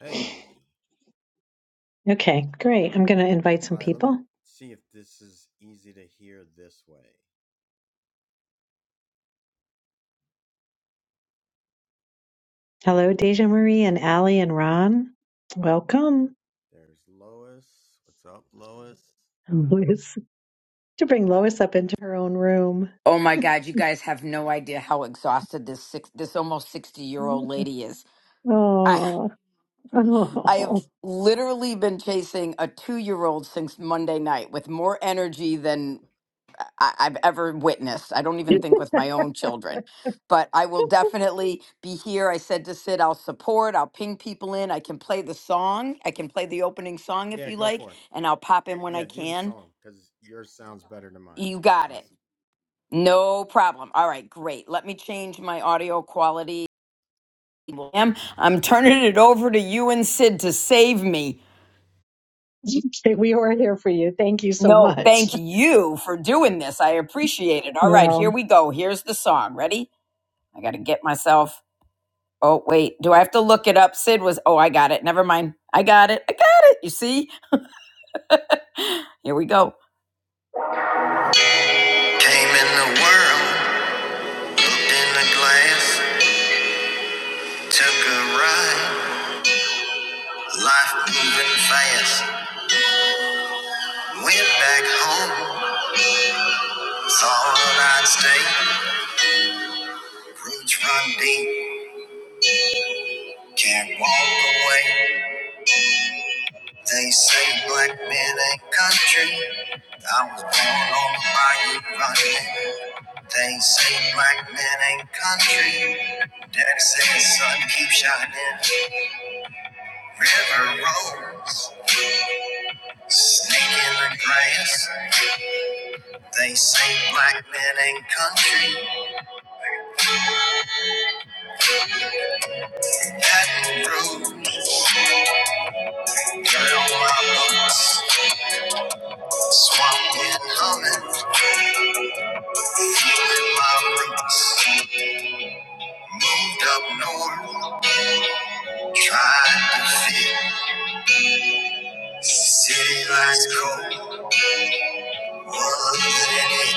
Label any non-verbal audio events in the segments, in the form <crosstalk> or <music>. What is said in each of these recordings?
Hey, Okay, great. I'm going to invite some all right, let me people. see if this is easy to hear this way. Hello, Deja Marie and Allie and Ron. Welcome, There's Lois. What's up, Lois? Lois, to bring Lois up into her own room. Oh my God, you guys have no idea how exhausted this six, this almost 60 year old lady is. I Oh, I have oh. literally been chasing a two year old since Monday night with more energy than I, I've ever witnessed. I don't even think with my own children. But I will definitely be here. I said to Sid, I'll support, I'll ping people in. I can play the song. I can play the opening song if Yeah, you go like, for it. and I'll pop in when I Yeah, do the can. song because yours sounds better than mine. You got it. Awesome. No problem. All right, great. Let me change my audio quality William, I'm turning it over to you and Sid to save me. Okay, <laughs> we are here for you. Thank you so No, much. thank you for doing this. I appreciate it. All right, here Well, we go. Here's the song. Ready? I got to get myself. Oh, wait. Do I have to look it up? Sid was. Oh, I got it. Never mind. I got it. I got it. You see? <laughs> here we go. Came in the world, looked in the glass, took a ride, life moving fast. Went back home, thought I'd stay. Roots run deep, Can't walk away. They say black men ain't country. I was born on the bayou running. They say black men ain't country. Daddy said, son, keep shining. River roads, snake in the grass. They say black men ain't country. Baton Rouge, dirt on my boots. Swamp wind humming, feeling my roots. Moved up north. Trying to fit city lights cold, world in it.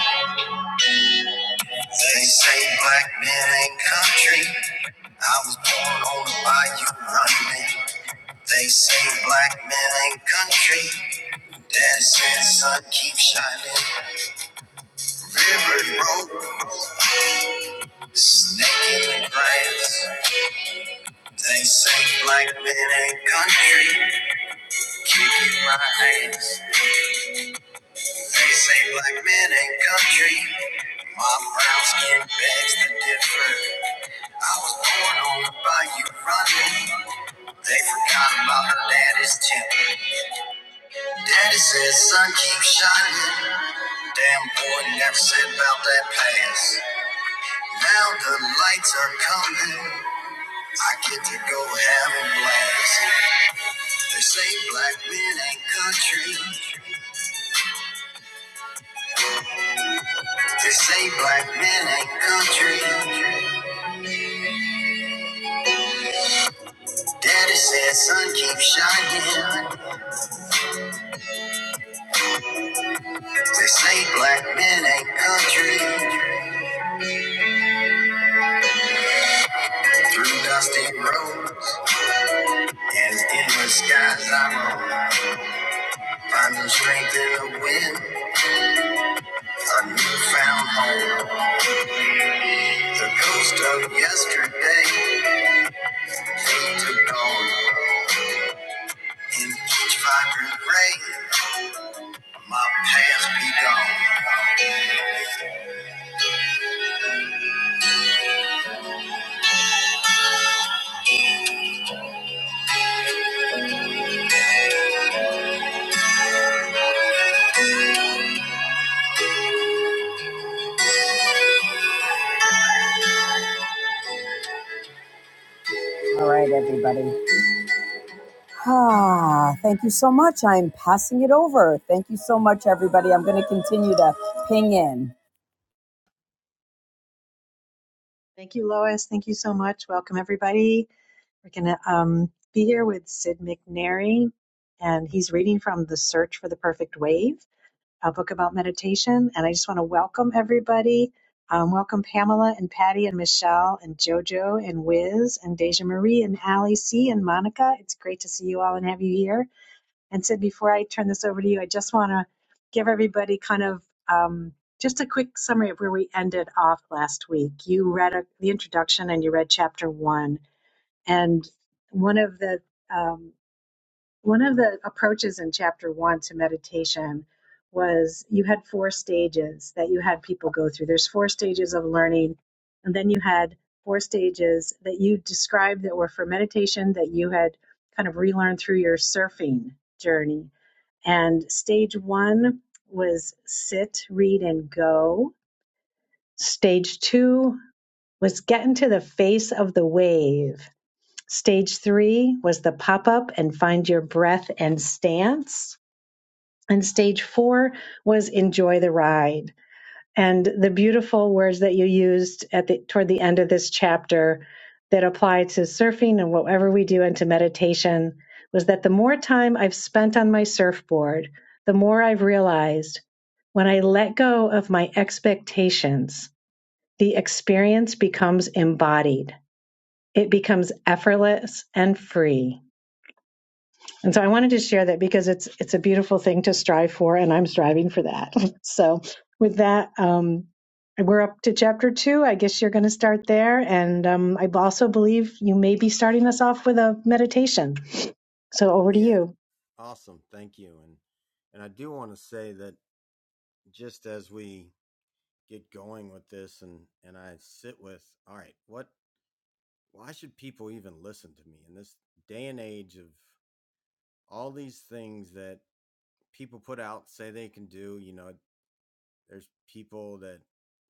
They say black men ain't country. I was born on the bayou running. They say black men ain't country. Dad said sun keep shining. River broke, snake in the grass. They say black men ain't country. Kicking my ass. They say black men ain't country. My brown skin begs to differ. I was born on the bayou running. They forgot about her daddy's temper. Daddy says, son, keep shining. Damn boy never said about that past. Now the lights are coming. I get to go have a blast. They say black men ain't country. They say black men ain't country. Daddy said, son, keep shining. They say black men ain't country. Through dusty roads and endless skies I roam. Finding strength in the wind, a newfound home. The ghost of yesterday, fade to dawn. In each vibrant ray, my past be gone. All right, everybody. Ah, thank you so much. I'm passing it over. Thank you so much, everybody. I'm going to continue to ping in. thank you, Lois. Thank you so much. Welcome, everybody. We're going to um, be here with Sid McNary, and he's reading from The Search for the Perfect Wave. a book about meditation. And I just want to welcome everybody. Um, welcome Pamela and Patty and Michelle and JoJo and Wiz and Deja Marie and Allie C and Monica. It's great to see you all and have you here. And Sid, before I turn this over to you, I just want to give everybody kind of um, just a quick summary of where we ended off last week. You read a, the introduction and you read chapter one. And one of the um, one of the approaches in chapter one to meditation was you had four stages that you had people go through. There's four stages of learning, and then you had four stages that you described that were for meditation that you had kind of relearned through your surfing journey. And stage one was sit, read, and go. Stage two was get into the face of the wave Stage three was the pop up and find your breath and stance. And stage four was enjoy the ride. And the beautiful words that you used at the toward the end of this chapter that apply to surfing and whatever we do into meditation was that the more time I've spent on my surfboard, the more I've realized when I let go of my expectations, the experience becomes embodied. It becomes effortless and free. And so I wanted to share that because it's it's a beautiful thing to strive for, and I'm striving for that. <laughs> so with that, um, we're up to chapter two. I guess you're going to start there, and um, I also believe you may be starting us off with a meditation. So over to Yeah, you. awesome. Thank you. And and I do want to say that just as we get going with this, and and I sit with, all right, what? Why should people even listen to me in this day and age of all these things that people put out say they can do? You know, there's people that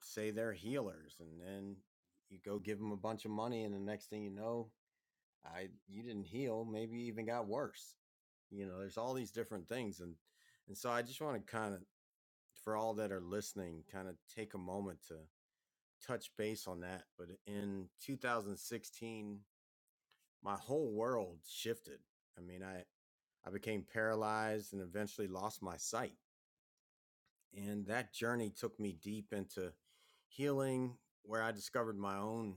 say they're healers and then you go give them a bunch of money and the next thing you know i you didn't heal maybe even got worse you know there's all these different things and and so i just want to kind of for all that are listening kind of take a moment to touch base on that but in 2016 my whole world shifted i mean i i became paralyzed and eventually lost my sight And that journey took me deep into healing, where I discovered my own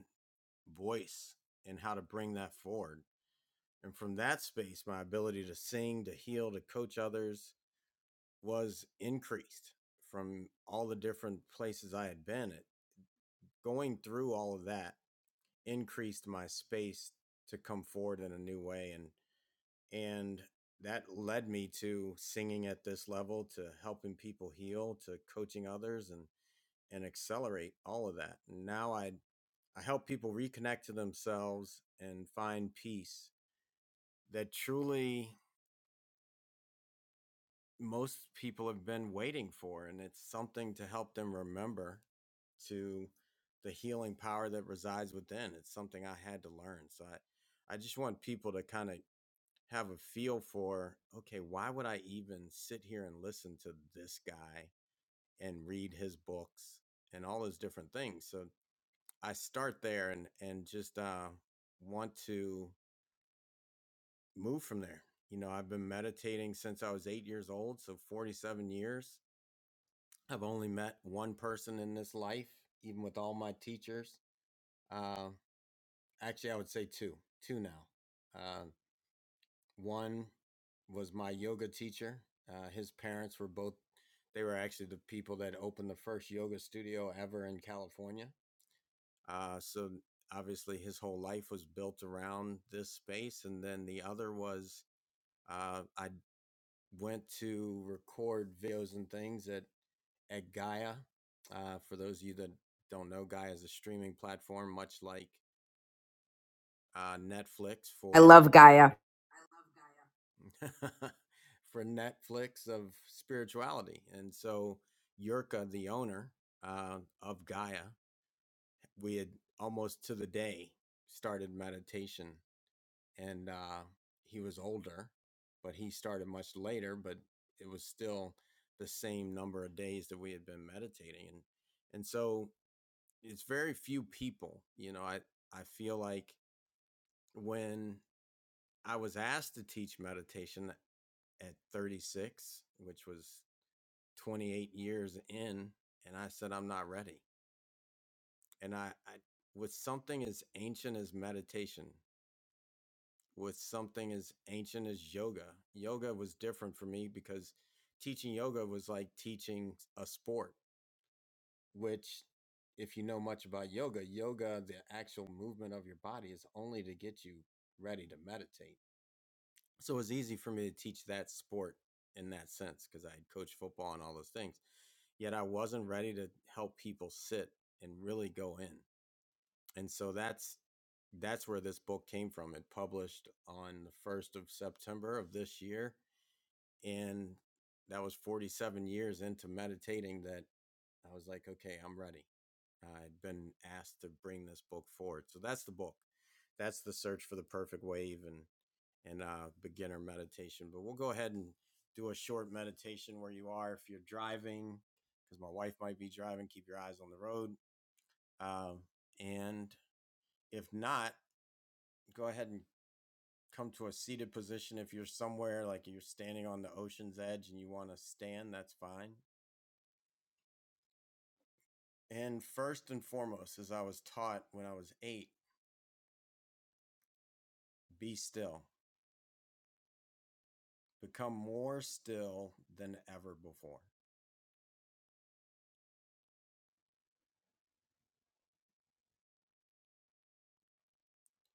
voice and how to bring that forward. And from that space, my ability to sing, to heal, to coach others was increased from all the different places I had been at. Going through all of that increased my space to come forward in a new way. And, and that led me to singing at this level, to helping people heal, to coaching others. And and accelerate all of that. And now I I help people reconnect to themselves and find peace that truly most people have been waiting for and it's something to help them remember to the healing power that resides within. It's something I had to learn. So I I just want people to kind of have a feel for okay, why would I even sit here and listen to this guy and read his books and all those different things? So I start there and and just uh, want to move from there. You know, I've been meditating since I was eight years old, so 47 years. I've only met one person in this life, even with all my teachers. Uh, actually, I would say two, two now. Uh, one was my yoga teacher. Uh, his parents were both, they were actually the people that opened the first yoga studio ever in California Uh, so obviously his whole life was built around this space. And then the other was uh, I went to record videos and things at, at Gaia. Uh, for those of you that don't know, Gaia is a streaming platform, much like uh, Netflix I for love Gaia. <laughs> for Netflix of spirituality. And so Yurka, the owner uh, of Gaia, we had almost to the day started meditation and uh, he was older, but he started much later. But it was still the same number of days that we had been meditating, and and so it's very few people. You know, I I feel like when I was asked to teach meditation at 36, which was 28 years in, and I said I'm not ready, and I, I with something as ancient as meditation with something as ancient as yoga. Yoga was different for me because teaching yoga was like teaching a sport, which, if you know much about yoga, yoga, the actual movement of your body, is only to get you ready to meditate. So it was easy for me to teach that sport in that sense because I had coached football and all those things. Yet I wasn't ready to help people sit and really go in and so that's that's where this book came from it published on the 1st of september of this year and that was 47 years into meditating that i was like okay i'm ready i'd been asked to bring this book forward so that's the book that's the search for the perfect wave and and uh beginner meditation but we'll go ahead and do a short meditation where you are if you're driving because my wife might be driving keep your eyes on the road um, and if not go ahead and come to a seated position if you're somewhere like you're standing on the ocean's edge and you want to stand that's fine and first and foremost as i was taught when i was 8 be still become more still than ever before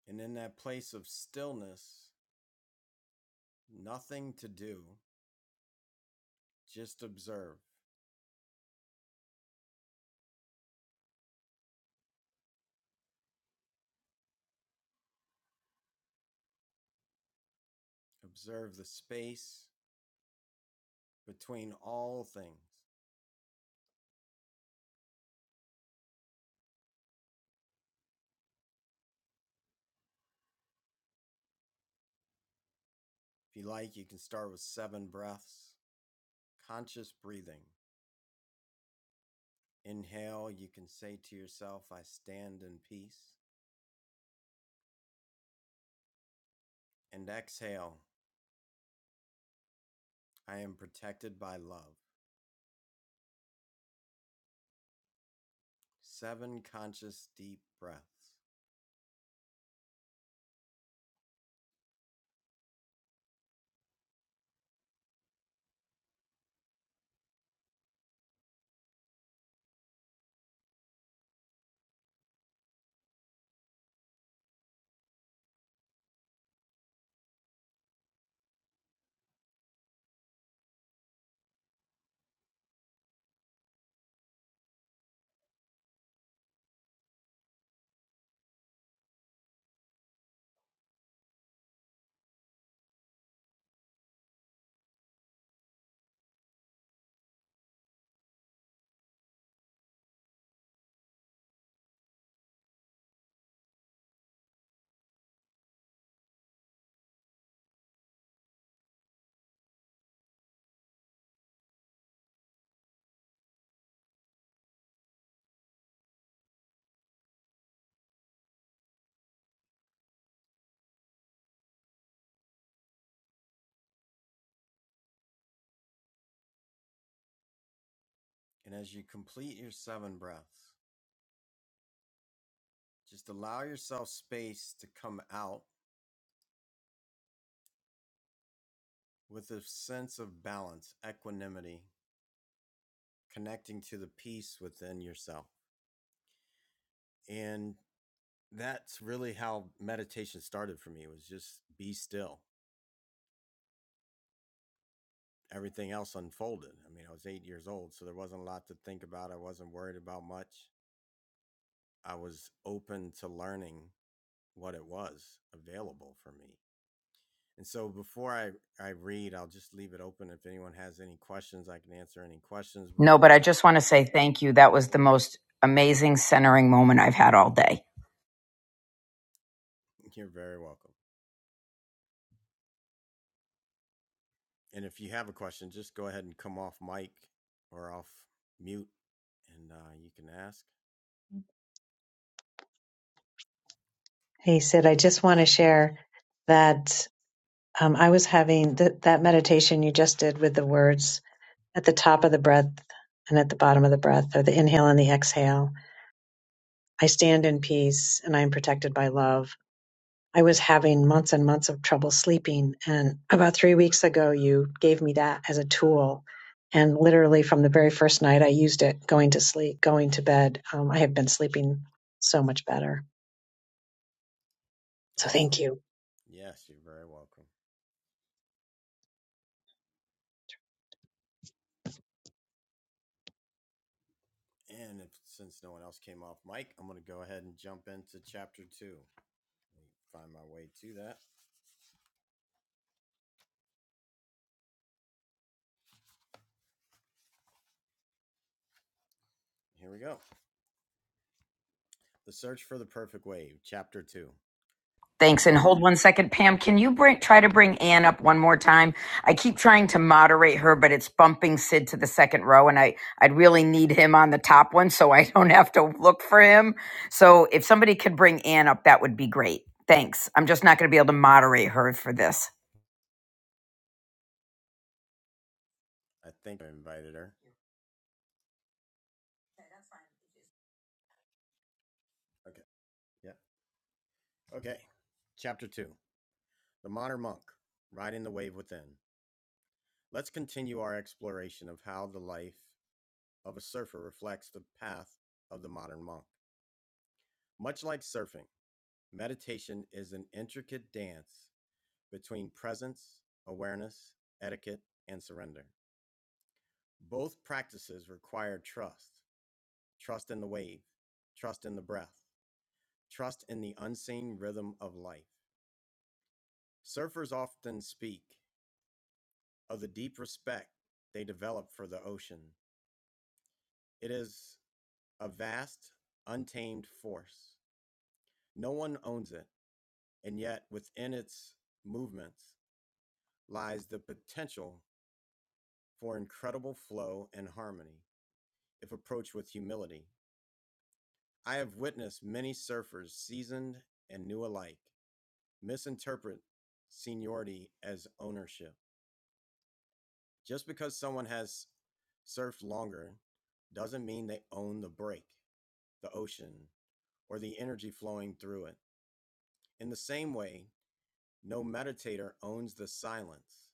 and in that place of stillness nothing to do just observe observe the space between all things if you like you can start with 7 breaths conscious breathing Inhale, you can say to yourself, I stand in peace. And exhale, I am protected by love. Seven conscious deep breaths. And as you complete your seven breaths, just allow yourself space to come out with a sense of balance, equanimity, connecting to the peace within yourself. And that's really how meditation started for me was just be still everything else unfolded. I mean, I was eight years old, so there wasn't a lot to think about. I wasn't worried about much. I was open to learning what it was available for me. And so before I, I read, I'll just leave it open. If anyone has any questions, I can answer any questions No, before but I we just want to say thank you. That move was the forward. most amazing centering moment I've had all day. <laughs> You're very welcome. And if you have a question, just go ahead and come off mic or off mute and uh, you can ask. Hey, Sid, I just want to share that um, I was having th- that meditation you just did with the words at the top of the breath and at the bottom of the breath, or the inhale and the exhale. I stand in peace and I am protected by love. I was having months and months of trouble sleeping. And about three weeks ago, you gave me that as a tool. And literally from the very first night, I used it going to sleep, going to bed. Um, I have been sleeping so much better. So Awesome. thank you. Yes, you're very welcome. And if, since no one else came off mic, I'm going to go ahead and jump into chapter two. Let me find my way to that. Here we go. The Search for the Perfect Wave, chapter two. The Thanks. And Mo- hold one second. Pam, can you bring, try to bring Ann up one more time? I keep trying to moderate her, but it's bumping Sid to the second row, and I, I'd really need him on the top one so I <laughs> don't have to look for him. So if somebody could bring Ann up, that would be great. Thanks. I'm just not going to be able to moderate her for this. I think I invited her. Okay. Yeah. Okay. Chapter two The Modern Monk, Riding the Wave Within. Let's continue our exploration of how the life of a surfer reflects the path of the modern monk. Much like surfing, meditation is an intricate dance between presence, awareness, etiquette, and surrender. Both practices require trust trust in the wave, trust in the breath, trust in the unseen rhythm of life. Surfers often speak of the deep respect they develop for the ocean. It is a vast, untamed force. No one owns it, and yet within its movements lies the potential for incredible flow and harmony if approached with humility, I have witnessed many surfers, seasoned and new alike, misinterpret seniority as ownership. Just because someone has surfed longer doesn't mean they own the break, the ocean, or the energy flowing through it. In the same way, no meditator owns the silence,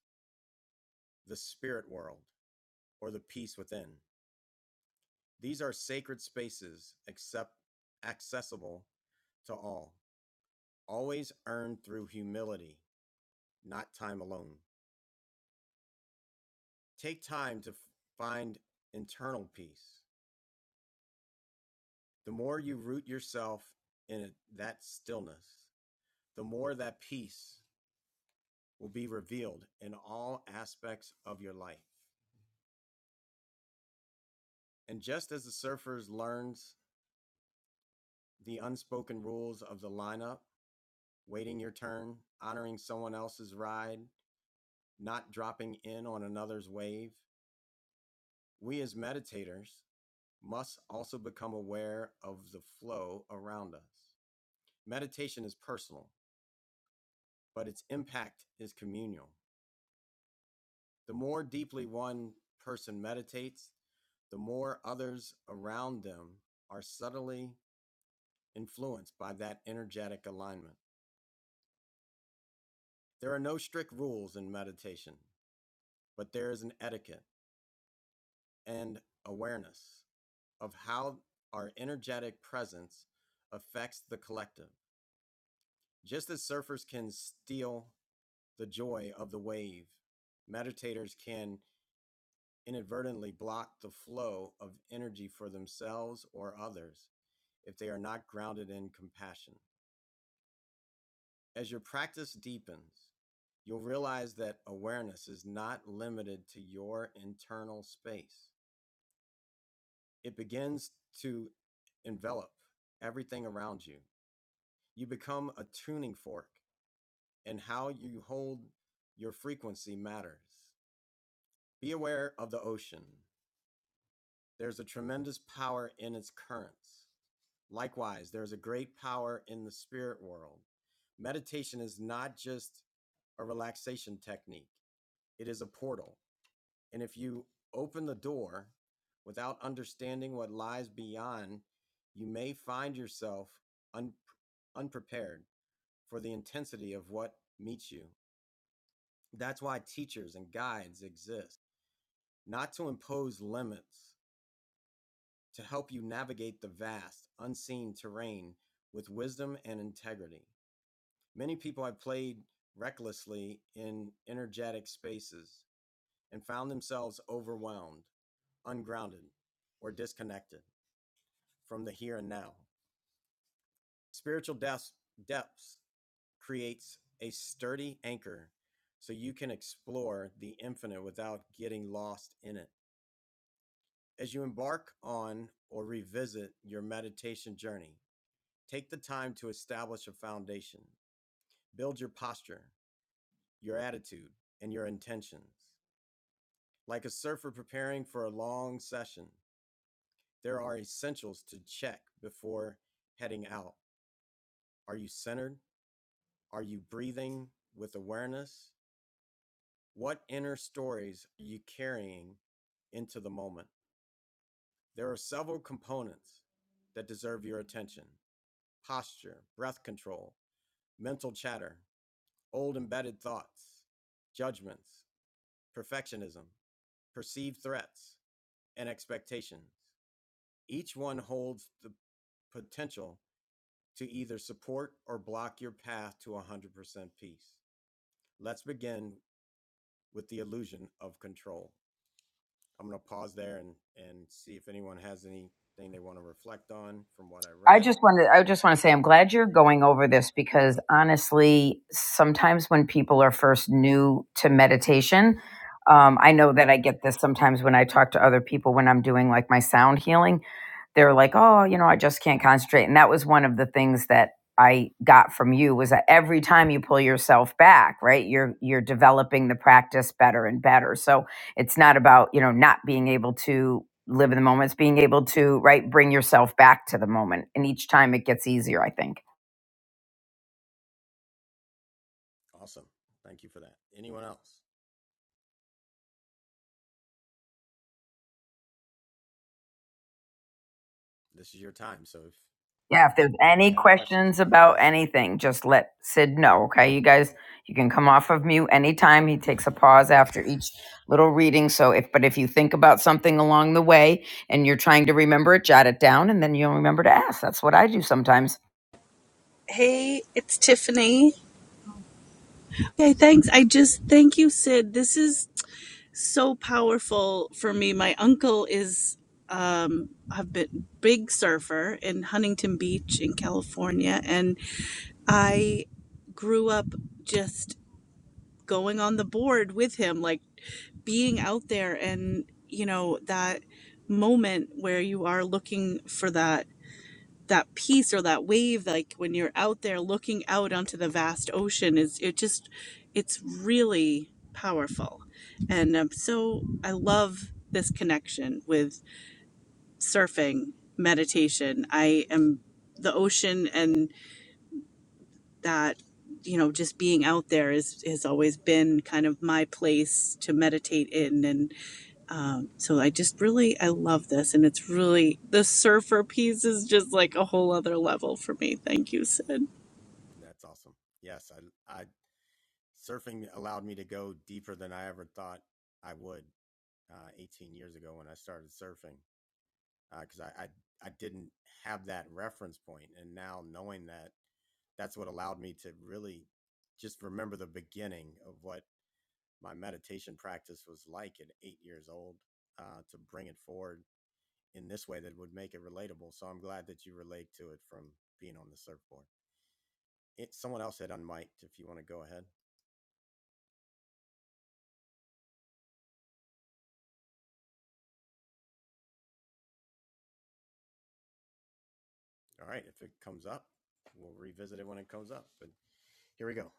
the spirit world, or the peace within. These are sacred spaces except accessible to all, always earned through humility not time alone. Take time to f- find internal peace. The more you root yourself in it- that stillness, the more that peace will be revealed in all aspects of your life. And just as the surfers learns the unspoken rules of the lineup, waiting your turn, honoring someone else's ride, not dropping in on another's wave, we as meditators must also become aware of the flow around us. Meditation is personal, but its impact is communal. The more deeply one person meditates, the more others around them are subtly influenced by that energetic alignment. There are no strict rules in meditation, but there is an etiquette and awareness of how our energetic presence affects the collective. Just as surfers can steal the joy of the wave, meditators can inadvertently block the flow of energy for themselves or others if they are not grounded in compassion. As your practice deepens, you'll realize that awareness is not limited to your internal space. It begins to envelop everything around you. You become a tuning fork, and how you hold your frequency matters. Be aware of the ocean. There's a tremendous power in its currents. Likewise, there's a great power in the spirit world. Meditation is not just a relaxation technique, it is a portal. And if you open the door without understanding what lies beyond, you may find yourself un- unprepared for the intensity of what meets you. That's why teachers and guides exist, not to impose limits, to help you navigate the vast, unseen terrain with wisdom and integrity. Many people have played recklessly in energetic spaces and found themselves overwhelmed, ungrounded, or disconnected from the here and now. Spiritual depths, depths creates a sturdy anchor so you can explore the infinite without getting lost in it. As you embark on or revisit your meditation journey, Take the time to establish a foundation. Build your posture, your attitude, and your intentions. Like a surfer preparing for a long session, there are essentials to check before heading out. Are you centered? Are you breathing with awareness? What inner stories are you carrying into the moment? There are several components that deserve your attention posture, breath control, mental chatter, old embedded thoughts, judgments, perfectionism, perceived threats, and expectations. Each one holds the potential to either support or block your path to 100% peace. Let's begin with the illusion of control. I'm going to pause there and, and see if anyone has anything they want to reflect on from what I I read. just wanted I just want to say I'm glad you're going over this because honestly, sometimes when people are first new to meditation, um, I know that I get this sometimes when I talk to other people when I'm doing like my sound healing they were like, "Oh, you know, I just can't concentrate." And that was one of the things that I got from you was that every time you pull yourself back, right? You're you're developing the practice better and better. So it's not about, you know, not being able to live in the moment, it's being able to, right, bring yourself back to the moment. And each time it gets easier, I think. Awesome. Thank you for that. Anyone else? This is your time. So if, Yeah, if there's if you any have questions, questions please about ask. anything, just let Sid know, okay? You guys, you can come off of mute anytime. He takes a pause after each little reading. So if, but if you think about something along the way and you're trying to remember it, jot it down and then you'll remember to ask. That's what I do sometimes. Hey, it's Tiffany. Okay, thanks. I just thank you, Sid. This is so powerful for me. My uncle is um I've been big surfer in Huntington Beach in California and I grew up just going on the board with him, like being out there and you know that moment where you are looking for that that peace or that wave like when you're out there looking out onto the vast ocean is it just it's really powerful and um, so i love this connection with surfing meditation i am the ocean and that you know just being out there is has always been kind of my place to meditate in and. Um, so I just really I love this, and it's really the surfer piece is just like a whole other level for me. Thank you, Sid. That's awesome. Yes, I, I surfing allowed me to go deeper than I ever thought I would uh, 18 years ago when I started surfing because uh, I, I I didn't have that reference point, point. and now knowing that that's what allowed me to really just remember the beginning of what my meditation practice was like at eight years old uh, to bring it forward in this way that would make it relatable. So I'm glad that you relate to it from being on the surfboard. It, someone else had unmiked if you want to go ahead. All right, if it comes up, we'll revisit it when it comes up. But here we go.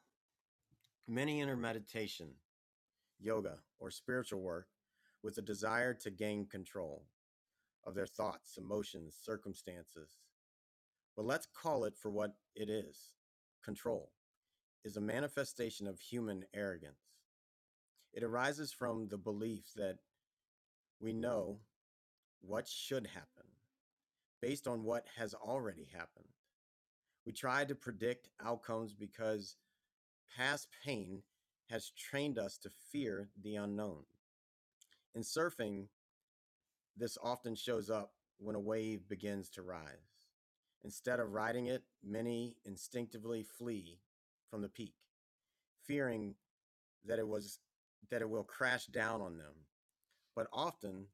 Many enter meditation, yoga, or spiritual work with a desire to gain control of their thoughts, emotions, circumstances. But let's call it for what it is. Control is a manifestation of human arrogance. It arises from the belief that we know what should happen based on what has already happened. We try to predict outcomes because Past pain has trained us to fear the unknown. In surfing, this often shows up when a wave begins to rise. Instead of riding it, many instinctively flee from the peak, fearing that it was that it will crash down on them. But often,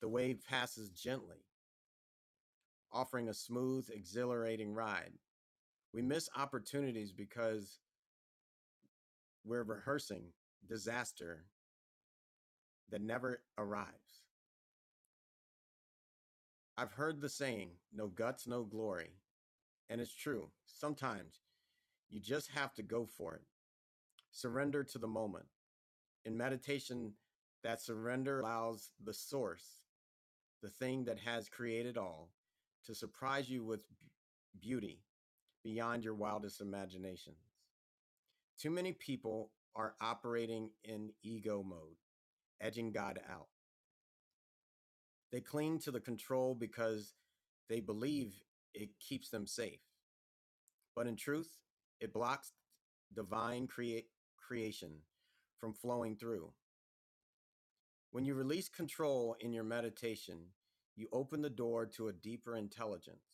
the wave passes gently, offering a smooth, exhilarating ride. We miss opportunities because we're rehearsing disaster that never arrives. I've heard the saying, no guts, no glory. And it's true. Sometimes you just have to go for it. Surrender to the moment. In meditation, that surrender allows the source, the thing that has created all, to surprise you with beauty beyond your wildest imaginations. Too many people are operating in ego mode, edging God out. They cling to the control because they believe it keeps them safe. but in truth, it blocks divine create creation from flowing through. When you release control in your meditation, you open the door to a deeper intelligence,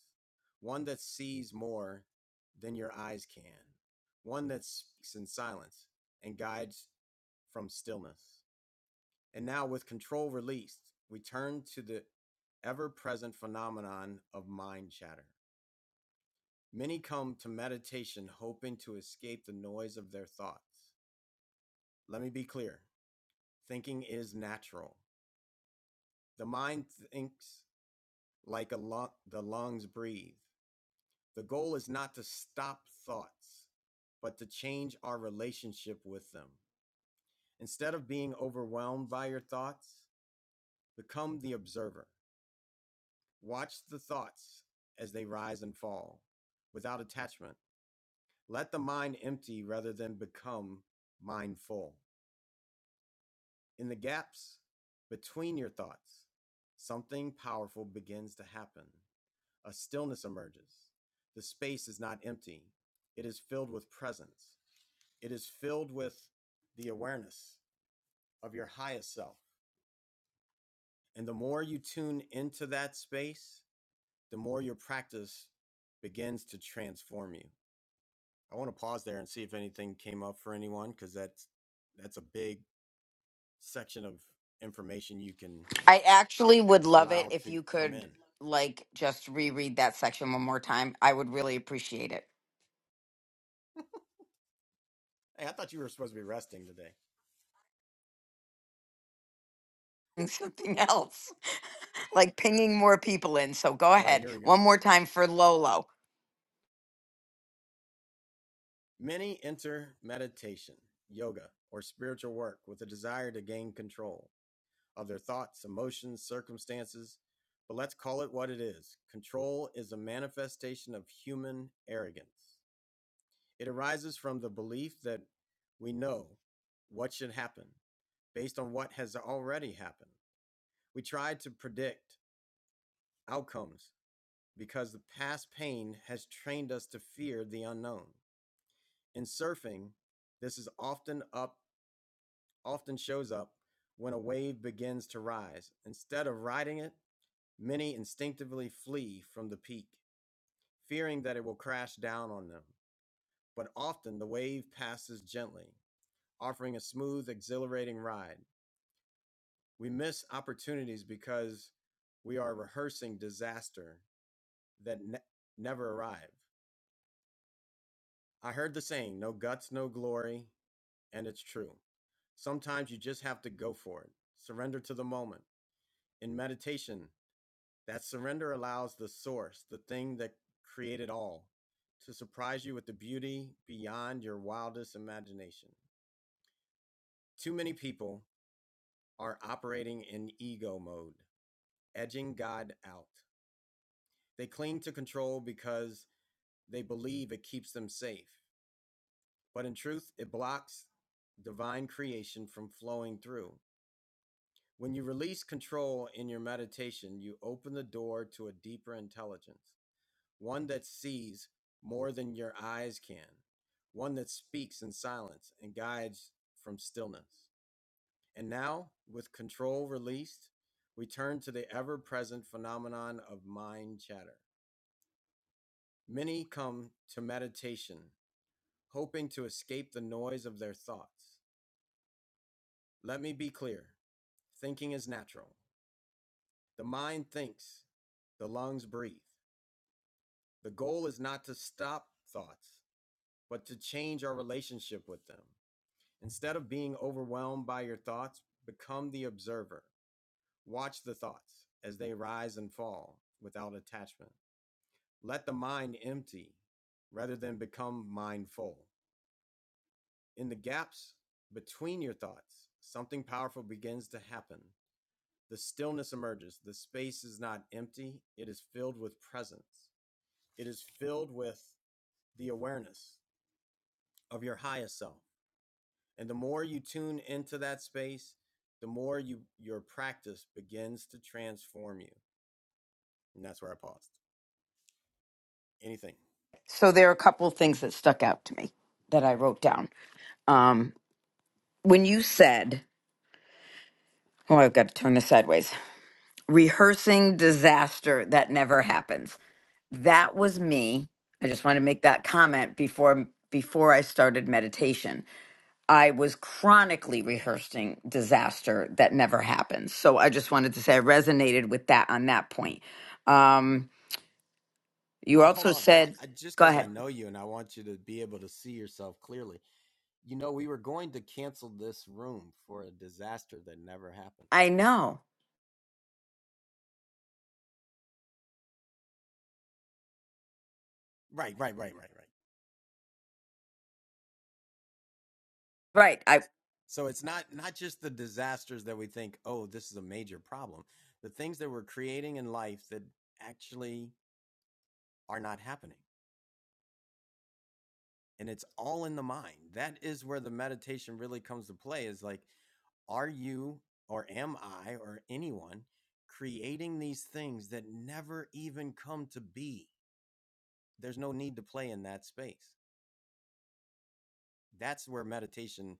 one that sees more than your eyes can, one that speaks in silence and guides from stillness. And now, with control released, we turn to the ever present phenomenon of mind chatter. Many come to meditation hoping to escape the noise of their thoughts. Let me be clear thinking is natural. The mind thinks like a lung, the lungs breathe. The goal is not to stop thoughts, but to change our relationship with them. Instead of being overwhelmed by your thoughts, become the observer. Watch the thoughts as they rise and fall without attachment. Let the mind empty rather than become mindful. In the gaps between your thoughts, something powerful begins to happen. A stillness emerges. The space is not empty, it is filled with presence. It is filled with the awareness of your highest self. And the more you tune into that space, the more your practice begins to transform you. I want to pause there and see if anything came up for anyone because that's that's a big section of information you can I actually would love it allow if to you come could in. like just reread that section one more time. I would really appreciate it. <laughs> Hey, I thought you were supposed to be resting today. And Something else, <laughs> like pinging more people in. So go All right, ahead here we one go. more time for Lolo. Many enter meditation, yoga, or spiritual work with a desire to gain control of their thoughts, emotions, circumstances. But let's call it what it is. Control is a manifestation of human arrogance. It arises from the belief that we know what should happen based on what has already happened. We try to predict outcomes because the past pain has trained us to fear the unknown. In surfing, this is often up often shows up when a wave begins to rise. Instead of riding it, many instinctively flee from the peak, fearing that it will crash down on them. But often the wave passes gently, offering a smooth, exhilarating ride. We miss opportunities because we are rehearsing disaster that ne- never arrived. I heard the saying, no guts, no glory, and it's true. Sometimes you just have to go for it. Surrender to the moment. In meditation, that surrender allows the source, the thing that created all, to surprise you with the beauty beyond your wildest imagination. Too many people are operating in ego mode, edging God out. They cling to control because they believe it keeps them safe. But in truth, it blocks divine creation from flowing through. When you release control in your meditation, you open the door to a deeper intelligence, one that sees more than your eyes can, one that speaks in silence and guides from stillness. And now, with control released, we turn to the ever present phenomenon of mind chatter. Many come to meditation hoping to escape the noise of their thoughts. Let me be clear thinking is natural. The mind thinks, the lungs breathe. The goal is not to stop thoughts, but to change our relationship with them. Instead of being overwhelmed by your thoughts, become the observer. Watch the thoughts as they rise and fall without attachment. Let the mind empty rather than become mindful. In the gaps between your thoughts, something powerful begins to happen. The stillness emerges. The space is not empty, it is filled with presence. It is filled with the awareness of your highest self And the more you tune into that space, the more you your practice begins to transform you. And that's where I paused. Anything. So there are a couple of things that stuck out to me that I wrote down. Um, when you said, oh, I've got to turn this sideways, rehearsing disaster that never happens. That was me. I just want to make that comment before before I started meditation. I was chronically rehearsing disaster that never happens. So I just wanted to say I resonated with that on that point. Um, you Well, hold also on. I, said, I just go because I ahead. know you and I want you to be able to see yourself clearly. You know, we were going to cancel this room for a disaster that never happened. I know. Right, right, right, right, right. Right. I So it's not not just the disasters that we think, oh, this is a major problem. The things that we're creating in life that actually are not happening. and it's all in the mind. That is where the meditation really comes to play is like, are you or am I or anyone creating these things that never even come to be? There's no need to play in that space. That's where meditation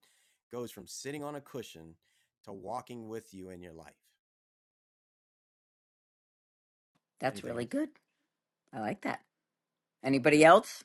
goes from sitting on a cushion to walking with you in your life. that's Anything really else? good. I like that. Anybody else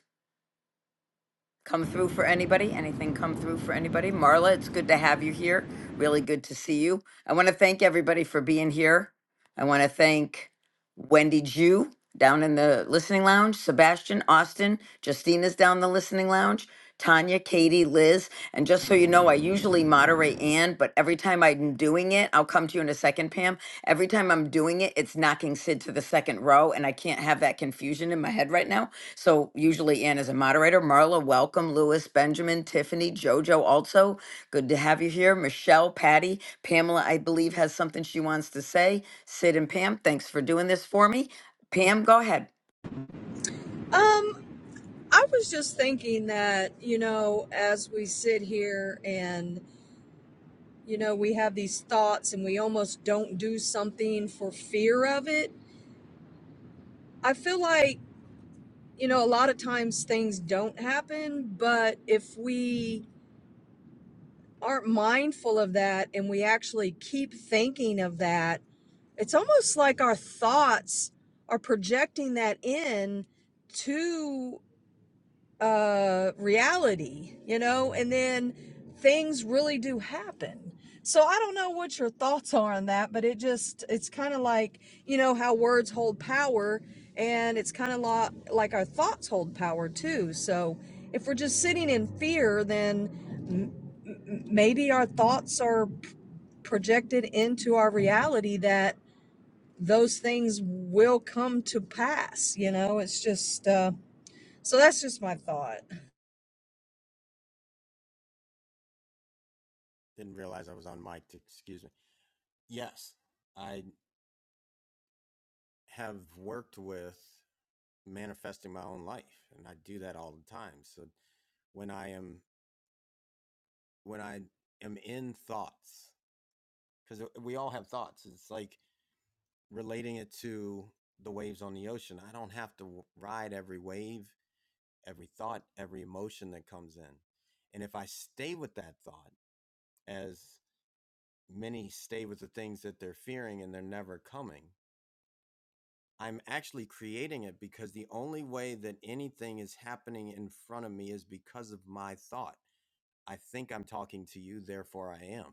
come through for anybody? Anything come through for anybody? Marla, it's good to have you here. Really good to see you. I want to thank everybody for being here. I want to thank Wendy Jew down in the listening lounge, Sebastian, Austin, Justina's down in the listening lounge. Tanya, Katie, Liz, and just so you know, I usually moderate Ann, but every time I'm doing it, I'll come to you in a second, Pam. Every time I'm doing it, it's knocking Sid to the second row, and I can't have that confusion in my head right now. So usually Ann is a moderator. Marla, welcome. Lewis, Benjamin, Tiffany, Jojo, also good to have you here. Michelle, Patty, Pamela, I believe has something she wants to say. Sid and Pam, thanks for doing this for me. Pam, go ahead. Um, I was just thinking that, you know, as we sit here and, you know, we have these thoughts and we almost don't do something for fear of it, I feel like, you know, a lot of times things don't happen, but if we aren't mindful of that and we actually keep thinking of that, it's almost like our thoughts are projecting that in uh reality you know and then things really do happen so i don't know what your thoughts are on that but it just it's kind of like you know how words hold power and it's kind of lo- like our thoughts hold power too so if we're just sitting in fear then maybe our thoughts are projected into our reality that those things will come to pass you know it's just uh so that's just my thought Didn't realize I was on mic. excuse me. Yes, I have worked with manifesting my own life, and I do that all the time. So when I am when I am in thoughts, because we all have thoughts. It's like relating it to the waves on the ocean. I don't have to ride every wave, every thought, every emotion that comes in. And if I stay with that thought, as many stay with the things that they're fearing and they're never coming, I'm actually creating it because the only way that anything is happening in front of me is because of my thought. I think I'm talking to you, therefore I am.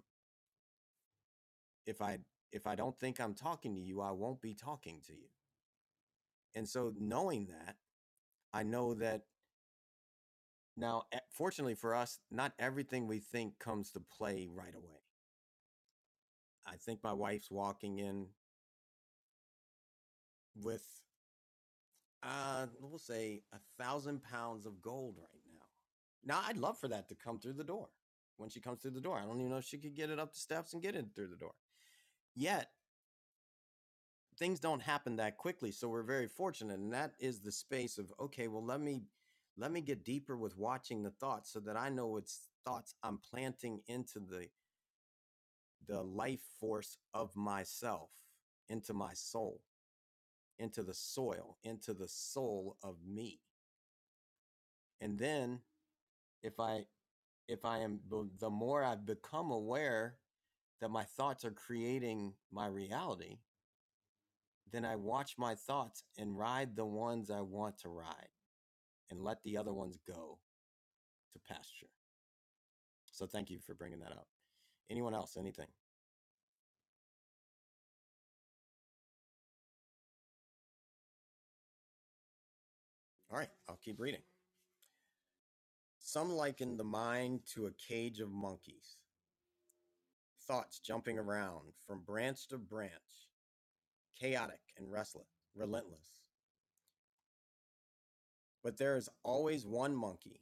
if I if I don't think I'm talking to you, I won't be talking to you. And so knowing that, I know that now eh, fortunately for us, not everything we think comes to play right away. I think my wife's walking in with uh we'll say a thousand pounds of gold right now. Now I'd love for that to come through the door. When she comes through the door, I don't even know if she could get it up the steps and get it through the door. Yet things don't happen that quickly so we're very fortunate and that is the space of okay well let me let me get deeper with watching the thoughts so that i know it's thoughts i'm planting into the the life force of myself into my soul into the soil into the soul of me and then if i if i am the more i've become aware that my thoughts are creating my reality then i watch my thoughts and ride the ones i want to ride and let the other ones go to pasture. So thank you for bringing that up. Anyone else? Anything? All right, I'll keep reading. Some liken the mind to a cage of monkeys, thoughts jumping around from branch to branch, chaotic and restless, relentless. But there is always one monkey,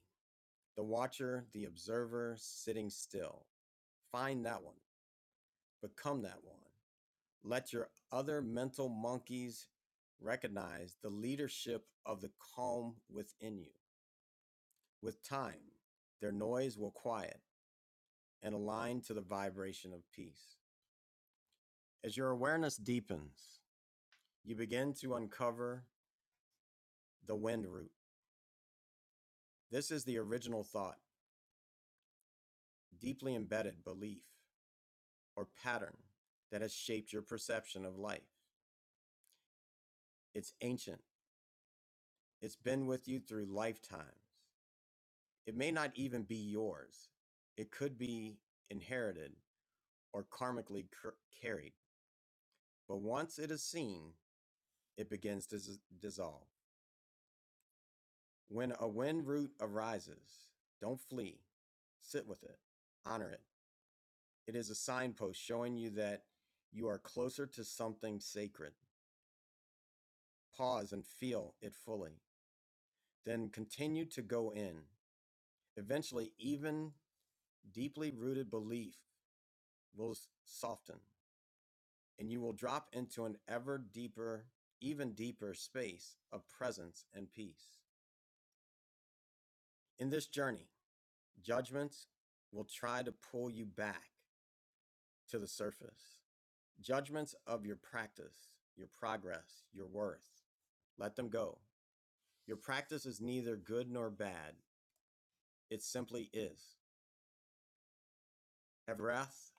the watcher, the observer, sitting still. Find that one, become that one Let your other mental monkeys recognize the leadership of the calm within you. With time, their noise will quiet and align to the vibration of peace. As your awareness deepens, you begin to uncover the wind root. This is the original thought, deeply embedded belief or pattern that has shaped your perception of life. It's ancient, it's been with you through lifetimes. It may not even be yours. It could be inherited or karmically cur- carried. But once it is seen, it begins to dis- dissolve. When a wind root arises, don't flee. Sit with it, honor it. It is a signpost showing you that you are closer to something sacred. Pause and feel it fully. Then continue to go in. Eventually, even deeply rooted belief will soften. and you will drop into an ever deeper, even deeper space of presence and peace. In this journey, judgments will try to pull you back to the surface. Judgments of your practice, your progress, your worth. Let them go. Your practice is neither good nor bad. It simply is. Every breath,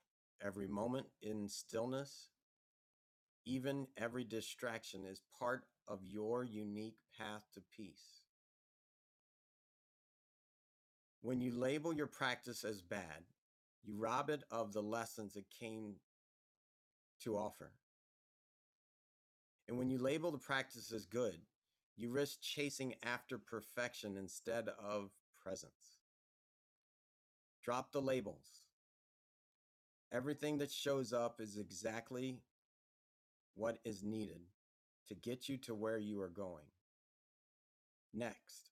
every moment in stillness, even every distraction is part of your unique path to peace. When you label your practice as bad, you rob it of the lessons it came to offer. And when you label the practice as good, you risk chasing after perfection instead of presence. Drop the labels. Everything that shows up is exactly what is needed to get you to where you are going. Next,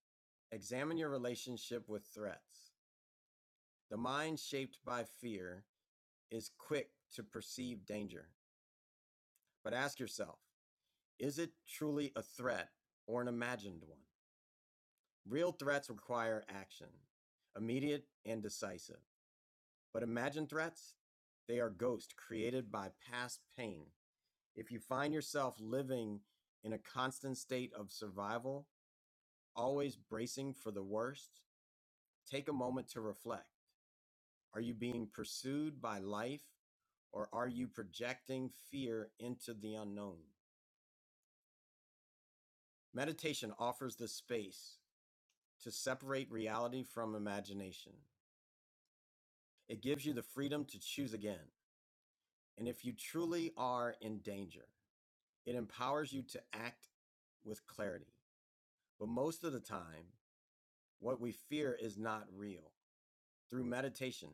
examine your relationship with threats. The mind shaped by fear is quick to perceive danger, but ask yourself Is it truly a threat or an imagined one? Real threats require action, immediate and decisive. But imagined threats, they are ghosts created by past pain. If you find yourself living in a constant state of survival, always bracing for the worst, take a moment to reflect. Are you being pursued by life or are you projecting fear into the unknown? Meditation offers the space to separate reality from imagination. It gives you the freedom to choose again. And if you truly are in danger, it empowers you to act with clarity. But most of the time, what we fear is not real. Through meditation,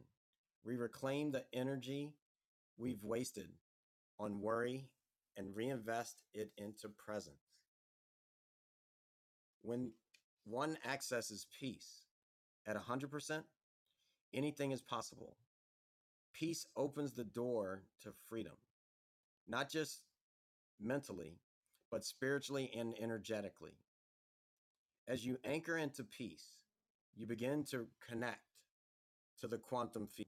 we reclaim the energy we've wasted on worry and reinvest it into presence. When one accesses peace at 100%, anything is possible. peace opens the door to freedom, not just mentally, but spiritually and energetically. As you anchor into peace, you begin to connect to the quantum field.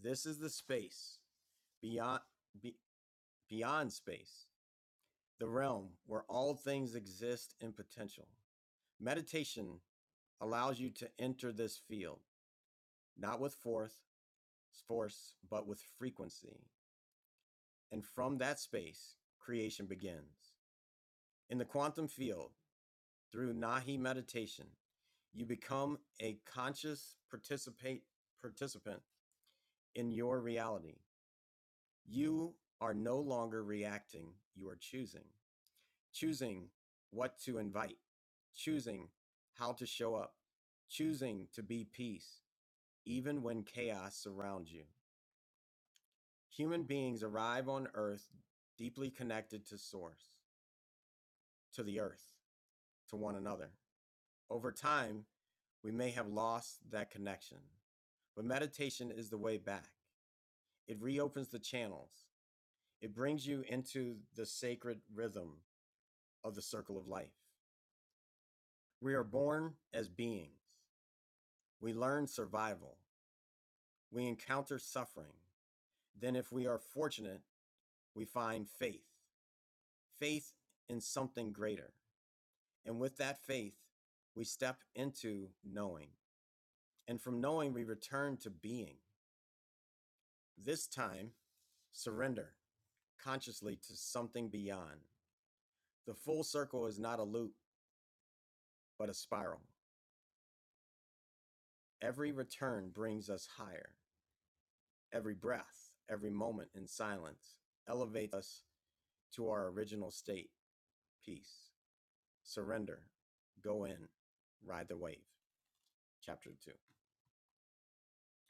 This is the space beyond be, beyond space, the realm where all things exist in potential. Meditation allows you to enter this field, not with force, force, but with frequency. And from that space, creation begins. In the quantum field, through Nahi meditation, you become a conscious participate participant in your reality. You are no longer reacting, you are choosing. Choosing what to invite, choosing how to show up, choosing to be peace, even when chaos surrounds you. Human beings arrive on earth deeply connected to source, to the earth, to one another. Over time, we may have lost that connection. But meditation is the way back. It reopens the channels, it brings you into the sacred rhythm of the circle of life. We are born as beings, we learn survival, we encounter suffering. Then, if we are fortunate, we find faith faith in something greater. And with that faith, we step into knowing. And from knowing, we return to being. This time, Surrender consciously to something beyond. The full circle is not a loop, but a spiral. Every return brings us higher. Every breath, every moment in silence elevates us to our original state, peace. Surrender. Go in. Ride the wave. Chapter two.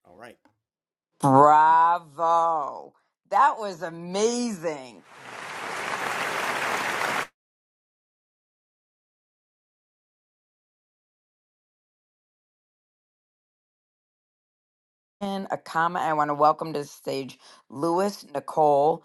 All right. Any- Bravo. That was amazing. in a comment. I want to welcome to the stage Lewis, Nicole,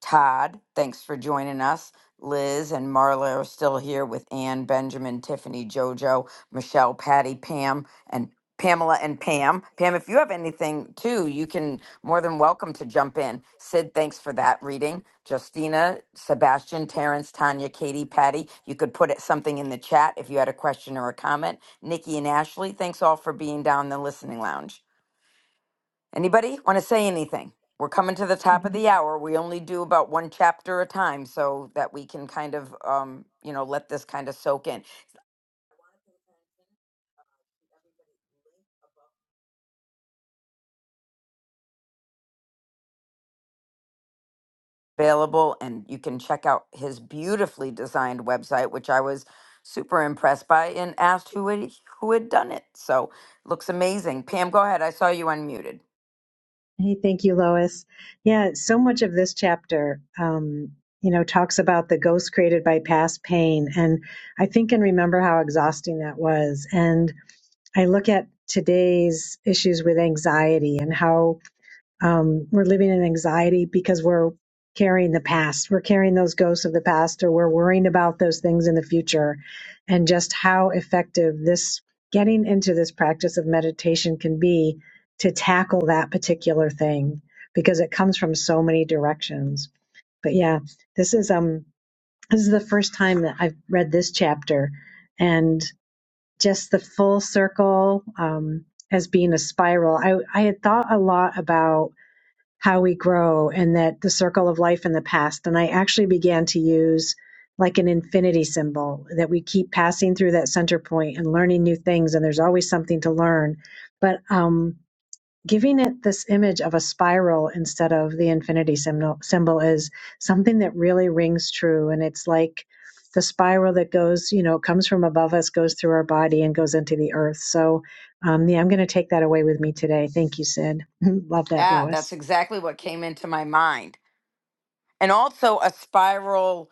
Todd. Thanks for joining us. Liz and Marla are still here with Ann, Benjamin, Tiffany, Jojo, Michelle, Patty, Pam, and Pamela and Pam. Pam, if you have anything too, you can more than welcome to jump in. Sid, thanks for that reading. Justina, Sebastian, Terrence, Tanya, Katie, Patty, you could put it, something in the chat if you had a question or a comment. Nikki and Ashley, thanks all for being down in the listening lounge. Anybody want to say anything? We're coming to the top of Mhm. the hour. We only do about one chapter a time so that we can kind of, um, you know, let this kind of soak in. Available, and you can check out his beautifully designed website, which I was super impressed by, and asked who had, who had done it. So looks amazing. Pam, go ahead. I saw you unmuted. Hey, thank you, Lois. Yeah, so much of this chapter, um, you know, talks about the ghost created by past pain. And I think and remember how exhausting that was. And I look at today's issues with anxiety and how Um, we're living in anxiety because we're carrying the past. We're carrying those ghosts of the past, or we're worrying about those things in the future. And just how effective this getting into this practice of meditation can be to tackle that particular thing because it comes from so many directions. But yeah, this is um this is the first time that I've read this chapter and just the full circle um as being a spiral. I I had thought a lot about how we grow and that the circle of life in the past. And I actually began to use like an infinity symbol that we keep passing through that center point and learning new things. And there's always something to learn. But um, giving it this image of a spiral instead of the infinity symbol, symbol is something that really rings true. And it's like, the spiral that goes, you know, comes from above us, goes through our body, and goes into the earth. So, um, yeah, I'm going to take that away with me today. Thank you, Sid. <laughs> Love that, Yeah, Lois. that's exactly what came into my mind and also a spiral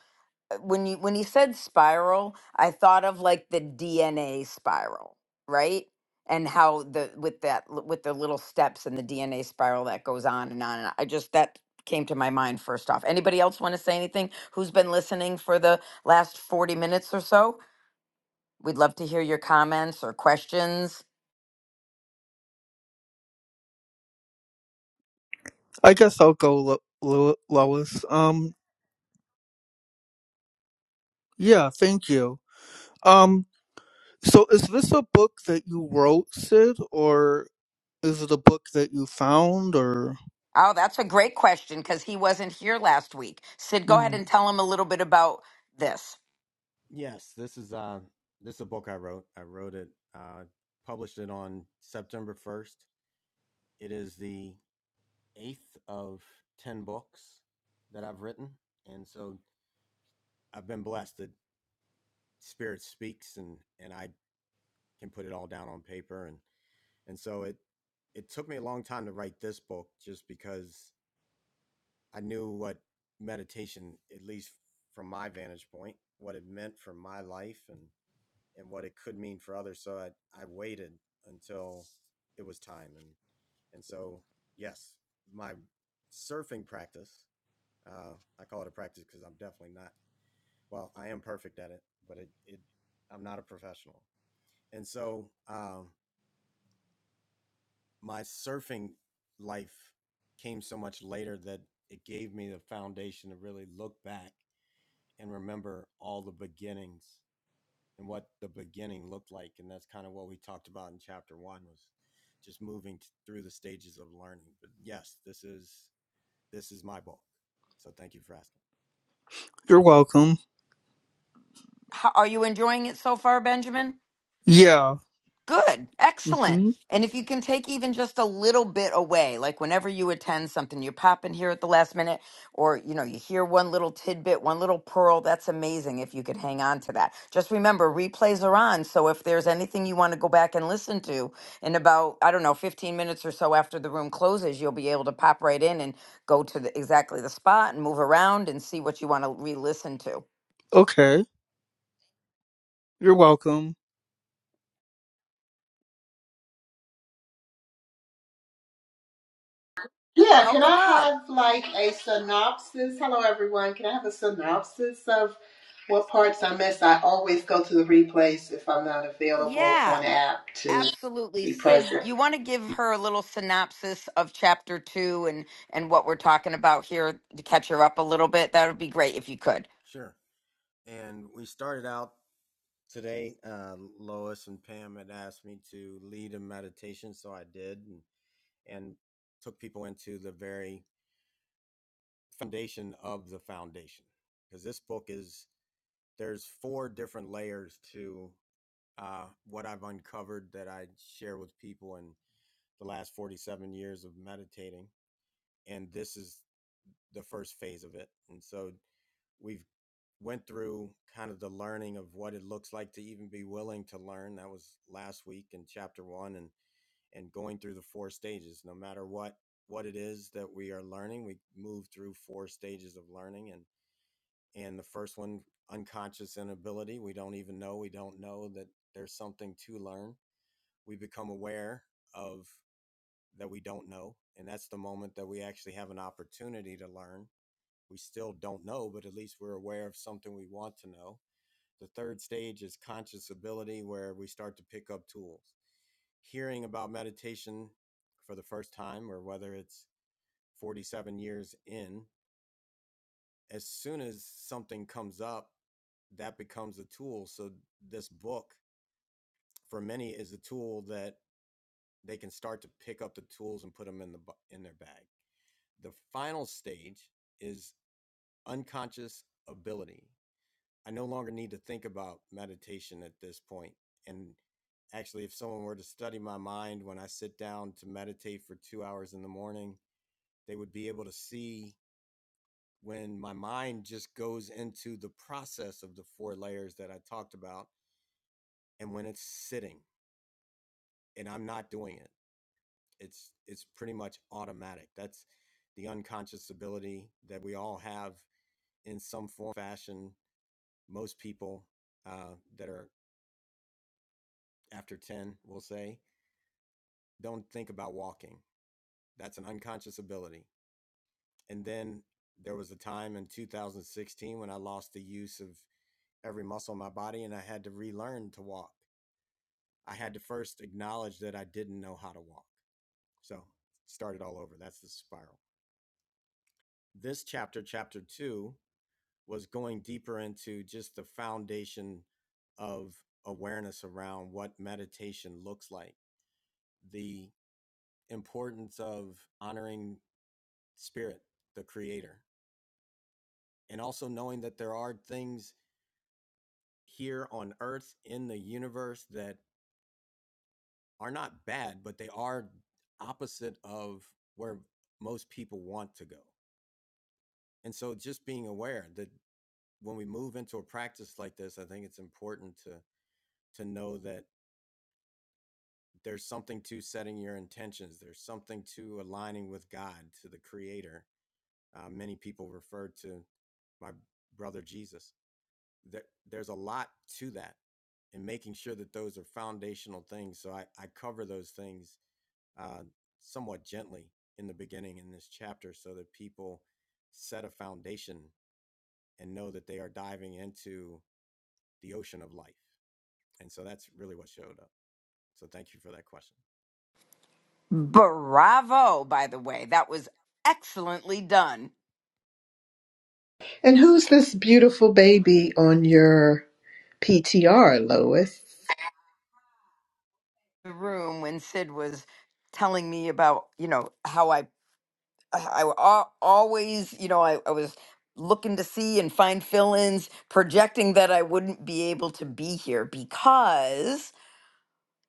uh, when you when you said spiral i thought of like the dna spiral right and how the with that with the little steps in the dna spiral that goes on and on and on. i just that came to my mind first off anybody else want to say anything who's been listening for the last 40 minutes or so we'd love to hear your comments or questions I guess I'll go, Lo- Lo- Lois. Um, yeah, thank you. Um, so is this a book that you wrote, Sid, or is it a book that you found, or oh that's a great question because he wasn't here last week sid go ahead and no? tell him a little bit about this yes, this is uh this is a book I wrote. I wrote it, uh published it on September first. It is the eighth of 10 books that I've written. And so I've been blessed that spirit speaks and, and I can put it all down on paper. And, and so it, it took me a long time to write this book just because I knew what meditation, at least from my vantage point, what it meant for my life and, and what it could mean for others. So I, I waited until it was time. And, and so, yes, my surfing practice Uh, I call it a practice because I'm definitely not. Well, I am perfect at it, but it, it I'm not a professional. And so um, my surfing life came so much later that it gave me the foundation to really look back and remember all the beginnings and what the beginning looked like. And that's kind of what we talked about in chapter one was just moving t- through the stages of learning. But yes, this is this is my book. So thank you for asking. You're welcome. How, are you enjoying it so far, Benjamin? Yeah. Good. Excellent. Mm-hmm. And if you can take even just a little bit away, like whenever you attend something, you pop in here at the last minute or you know, you hear one little tidbit, one little pearl, that's amazing if you could hang on to that. Just remember replays are on, so if there's anything you want to go back and listen to in about I don't know, 15 minutes or so after the room closes, you'll be able to pop right in and go to the, exactly the spot and move around and see what you want to re-listen to. Okay. You're welcome. Yeah, can I Welcome up. have like a synopsis? Hello, everyone. Can I have a synopsis of what parts I missed? I always go to the replays if I'm not available Yeah. on app to Absolutely. be Sid, present. you want to give her a little synopsis of chapter two and, and what we're talking about here to catch her up a little bit? That would be great if you could. Sure. And we started out Today, uh, Lois and Pam had asked me to lead a meditation, so I did and, and took people into the very foundation of the foundation. Because this book is, there's four different layers to uh, what I've uncovered that I share with people in the last 47 years of meditating. And this is the first phase of it. And so we've went through kind of the learning of what it looks like to even be willing to learn. That was last week in chapter one and and going through the four stages. No matter what what it is that we are learning, we move through four stages of learning and and the first one unconscious inability. We don't even know, we don't know that there's something to learn. We become aware of that we don't know. And that's the moment that we actually have an opportunity to learn. We still don't know, but at least we're aware of something we want to know the third stage is conscious ability, where we start to pick up tools. Hearing about meditation for the first time, or whether it's 47 years in, as soon as something comes up, that becomes a tool. So, this book for many is a tool that they can start to pick up the tools and put them in, the, in their bag. The final stage is unconscious ability. I no longer need to think about meditation at this point. And actually, if someone were to study my mind when I sit down to meditate for two hours in the morning, they would be able to see when my mind just goes into the process of the four layers that I talked about and when it's sitting and I'm not doing it. It's it's pretty much automatic. That's the unconscious ability that we all have in some form or fashion. Most people uh, that are after 10 we'll say don't think about walking. That's an unconscious ability. And then there was a time in 2016 when I lost the use of every muscle in my body and I had to relearn to walk. I had to first acknowledge that I didn't know how to walk. So started all over. That's the spiral. This chapter, chapter two, was going deeper into just the foundation of awareness around what meditation looks like, the importance of honoring spirit, the creator, and also knowing that there are things here on earth in the universe that are not bad but they are opposite of where most people want to go and so just being aware that when we move into a practice like this i think it's important to to know that there's something to setting your intentions there's something to aligning with god to the creator uh, many people refer to my brother jesus there, there's a lot to that and making sure that those are foundational things. So I, I cover those things uh, somewhat gently in the beginning in this chapter so that people set a foundation and know that they are diving into the ocean of life. And so that's really what showed up. So thank you for that question. Bravo, by the way. That was excellently done. And who's this beautiful baby on your PTR, Lois? The room when Sid was telling me about, you know, how I, I al- always, you know, I, I was looking to see and find fill ins, projecting that I wouldn't be able to be here because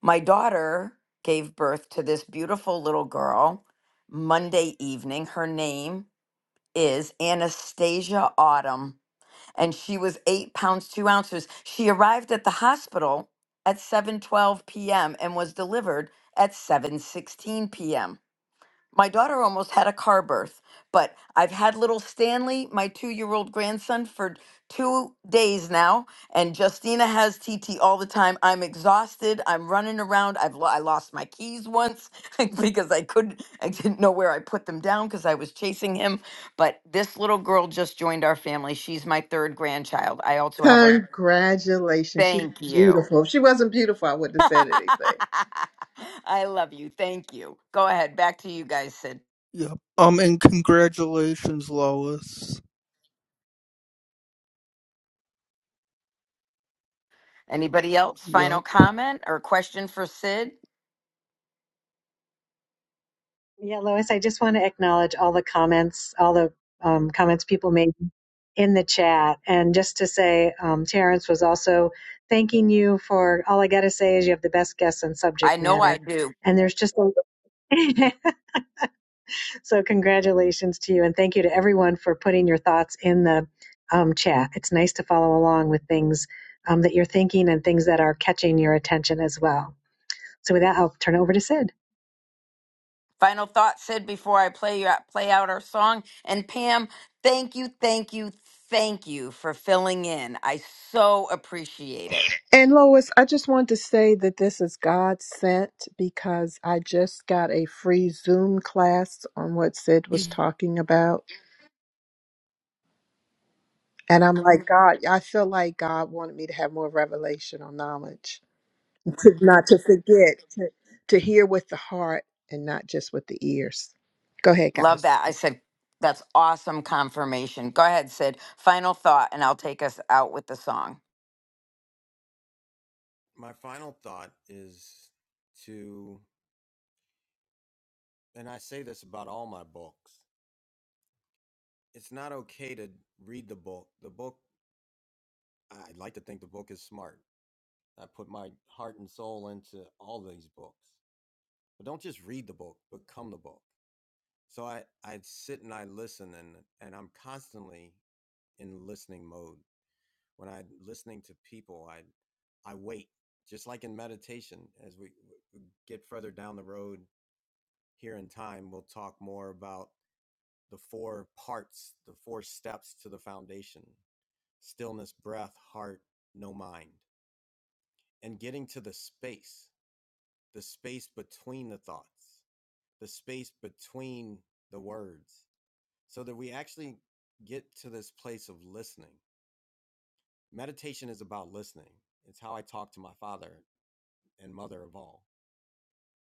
My daughter gave birth to this beautiful little girl Monday evening. Her name is Anastasia Autumn, and she was eight pounds, two ounces. She arrived at the hospital at 7:12 p.m. and was delivered at 7:16 p.m. My daughter almost had a car birth, but I've had little Stanley, my two year old grandson, for two days now, and Justina has TT all the time. I'm exhausted. I'm running around. I've lo- I lost my keys once <laughs> because I couldn't, I didn't know where I put them down because I was chasing him. But this little girl just joined our family. She's my third grandchild. I also have a Congratulations. She's thank you. beautiful. If she wasn't beautiful, I wouldn't have said anything. <laughs> I love you. Thank you. Go ahead. Back to you guys, Sid. Yep. Um, and congratulations, Lois. Anybody else? Yep. Final comment or question for Sid? Yeah, Lois, I just want to acknowledge all the comments, all the um, comments people made in the chat. And just to say, um, Terrence was also thanking you for all I got to say is you have the best guess on I subject know I matter. do. And there's just a, <laughs> so congratulations to you. And thank you to everyone for putting your thoughts in the um, chat. It's nice to follow along with things um, that you're thinking and things that are catching your attention as well. So with that, I'll turn it over to Sid. Final thought, Sid, before I play you out, play out our song. And Pam, thank you, thank you, thank you for filling in. I so appreciate it. And Lois, I just wanted to say that this is God sent because I just got a free Zoom class on what Sid was talking about. And I'm like, God, I feel like God wanted me to have more revelation or knowledge, to, not to forget, to, to hear with the heart and not just with the ears. Go ahead, Love guys. that. I said that's awesome confirmation. Go ahead, Sid. Final thought, and I'll take us out with the song. My final thought is to, and I say this about all my books, it's not okay to read the book. The book, I'd like to think the book is smart I put my heart and soul into all these books. But don't just read the book, become the book. So I, I sit and I listen and and I'm constantly in listening mode. When I'm listening to people, I I wait. Just like in meditation, as we we get further down the road here in time, we'll talk more about the four parts, the four steps to the foundation. Stillness, breath, heart, no mind. And getting to the space the space between the thoughts, the space between the words, so that we actually get to this place of listening. Meditation is about listening. It's how I talk to my father and mother of all.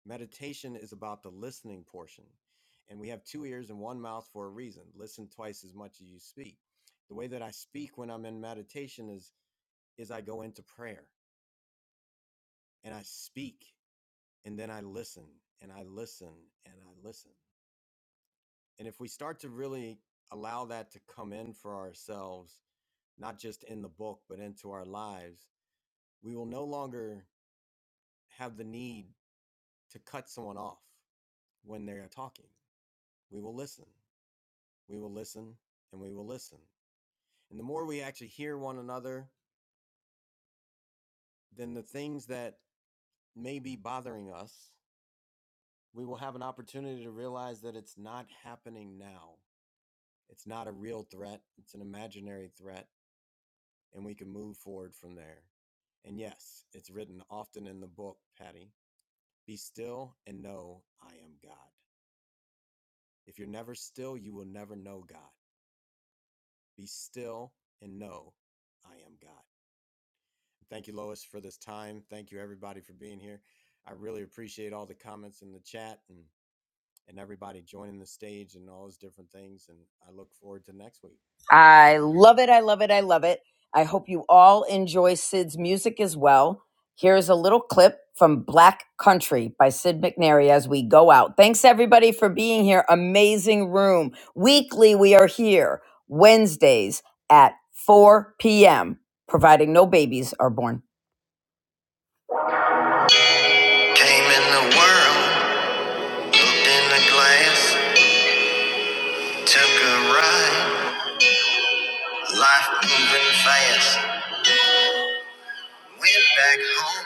Meditation is about the listening portion. And we have two ears and one mouth for a reason. Listen twice as much as you speak. The way that I speak when I'm in meditation is is I go into prayer and I speak and then I listen and I listen and I listen. And if we start to really allow that to come in for ourselves, not just in the book, but into our lives, we will no longer have the need to cut someone off when they're talking. We will listen. We will listen and we will listen. And the more we actually hear one another, then the things that may be bothering us, we will have an opportunity to realize that it's not happening now. It's not a real threat, it's an imaginary threat and we can move forward from there. And yes, it's written often in the book, Patty be still and know I am God. If you're never still, you will never know God. Be still and know I am God. Thank you, Lois, for this time. Thank you, everybody, for being here. I really appreciate all the comments in the chat and, and everybody joining the stage and all those different things. And I look forward to next week. Have I a love it. I love it. I love it. I hope you all enjoy Sid's music as well. Here's a little clip from Black Country by Sid McNary as we go out. Thanks everybody for being here. Amazing room. Weekly, we are here Wednesdays at 4 p.m., providing no babies are born. Came in the world, looked in the glass, took a ride, life moving fast. Went back home,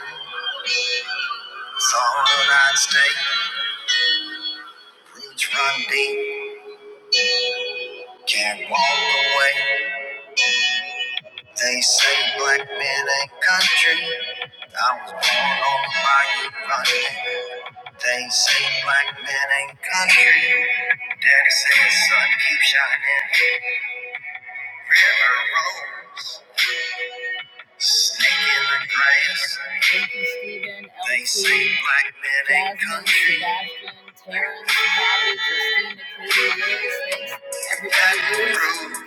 thought I'd stay. Roots run deep, can't walk away. They say black men ain't country. I was born on the bayou running. They say black men ain't country. Daddy said, son, keep shining. River rolls, snake in the grass. Thank you, Stephen. They say black men ain't Jasmine, country. Terrence, Bobby, Christina, Katie, Liz, Everybody,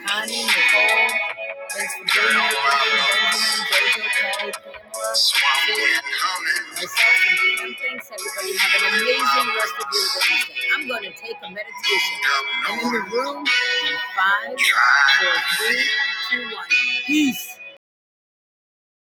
Connie, Nicole. Thanks for being here, Bobby. Swamp Wind coming. Myself and Dan, thanks everybody. Have an amazing rest of your Wednesday. I'm going to take a meditation. I'm in the room in five, four, three, two, one. Peace.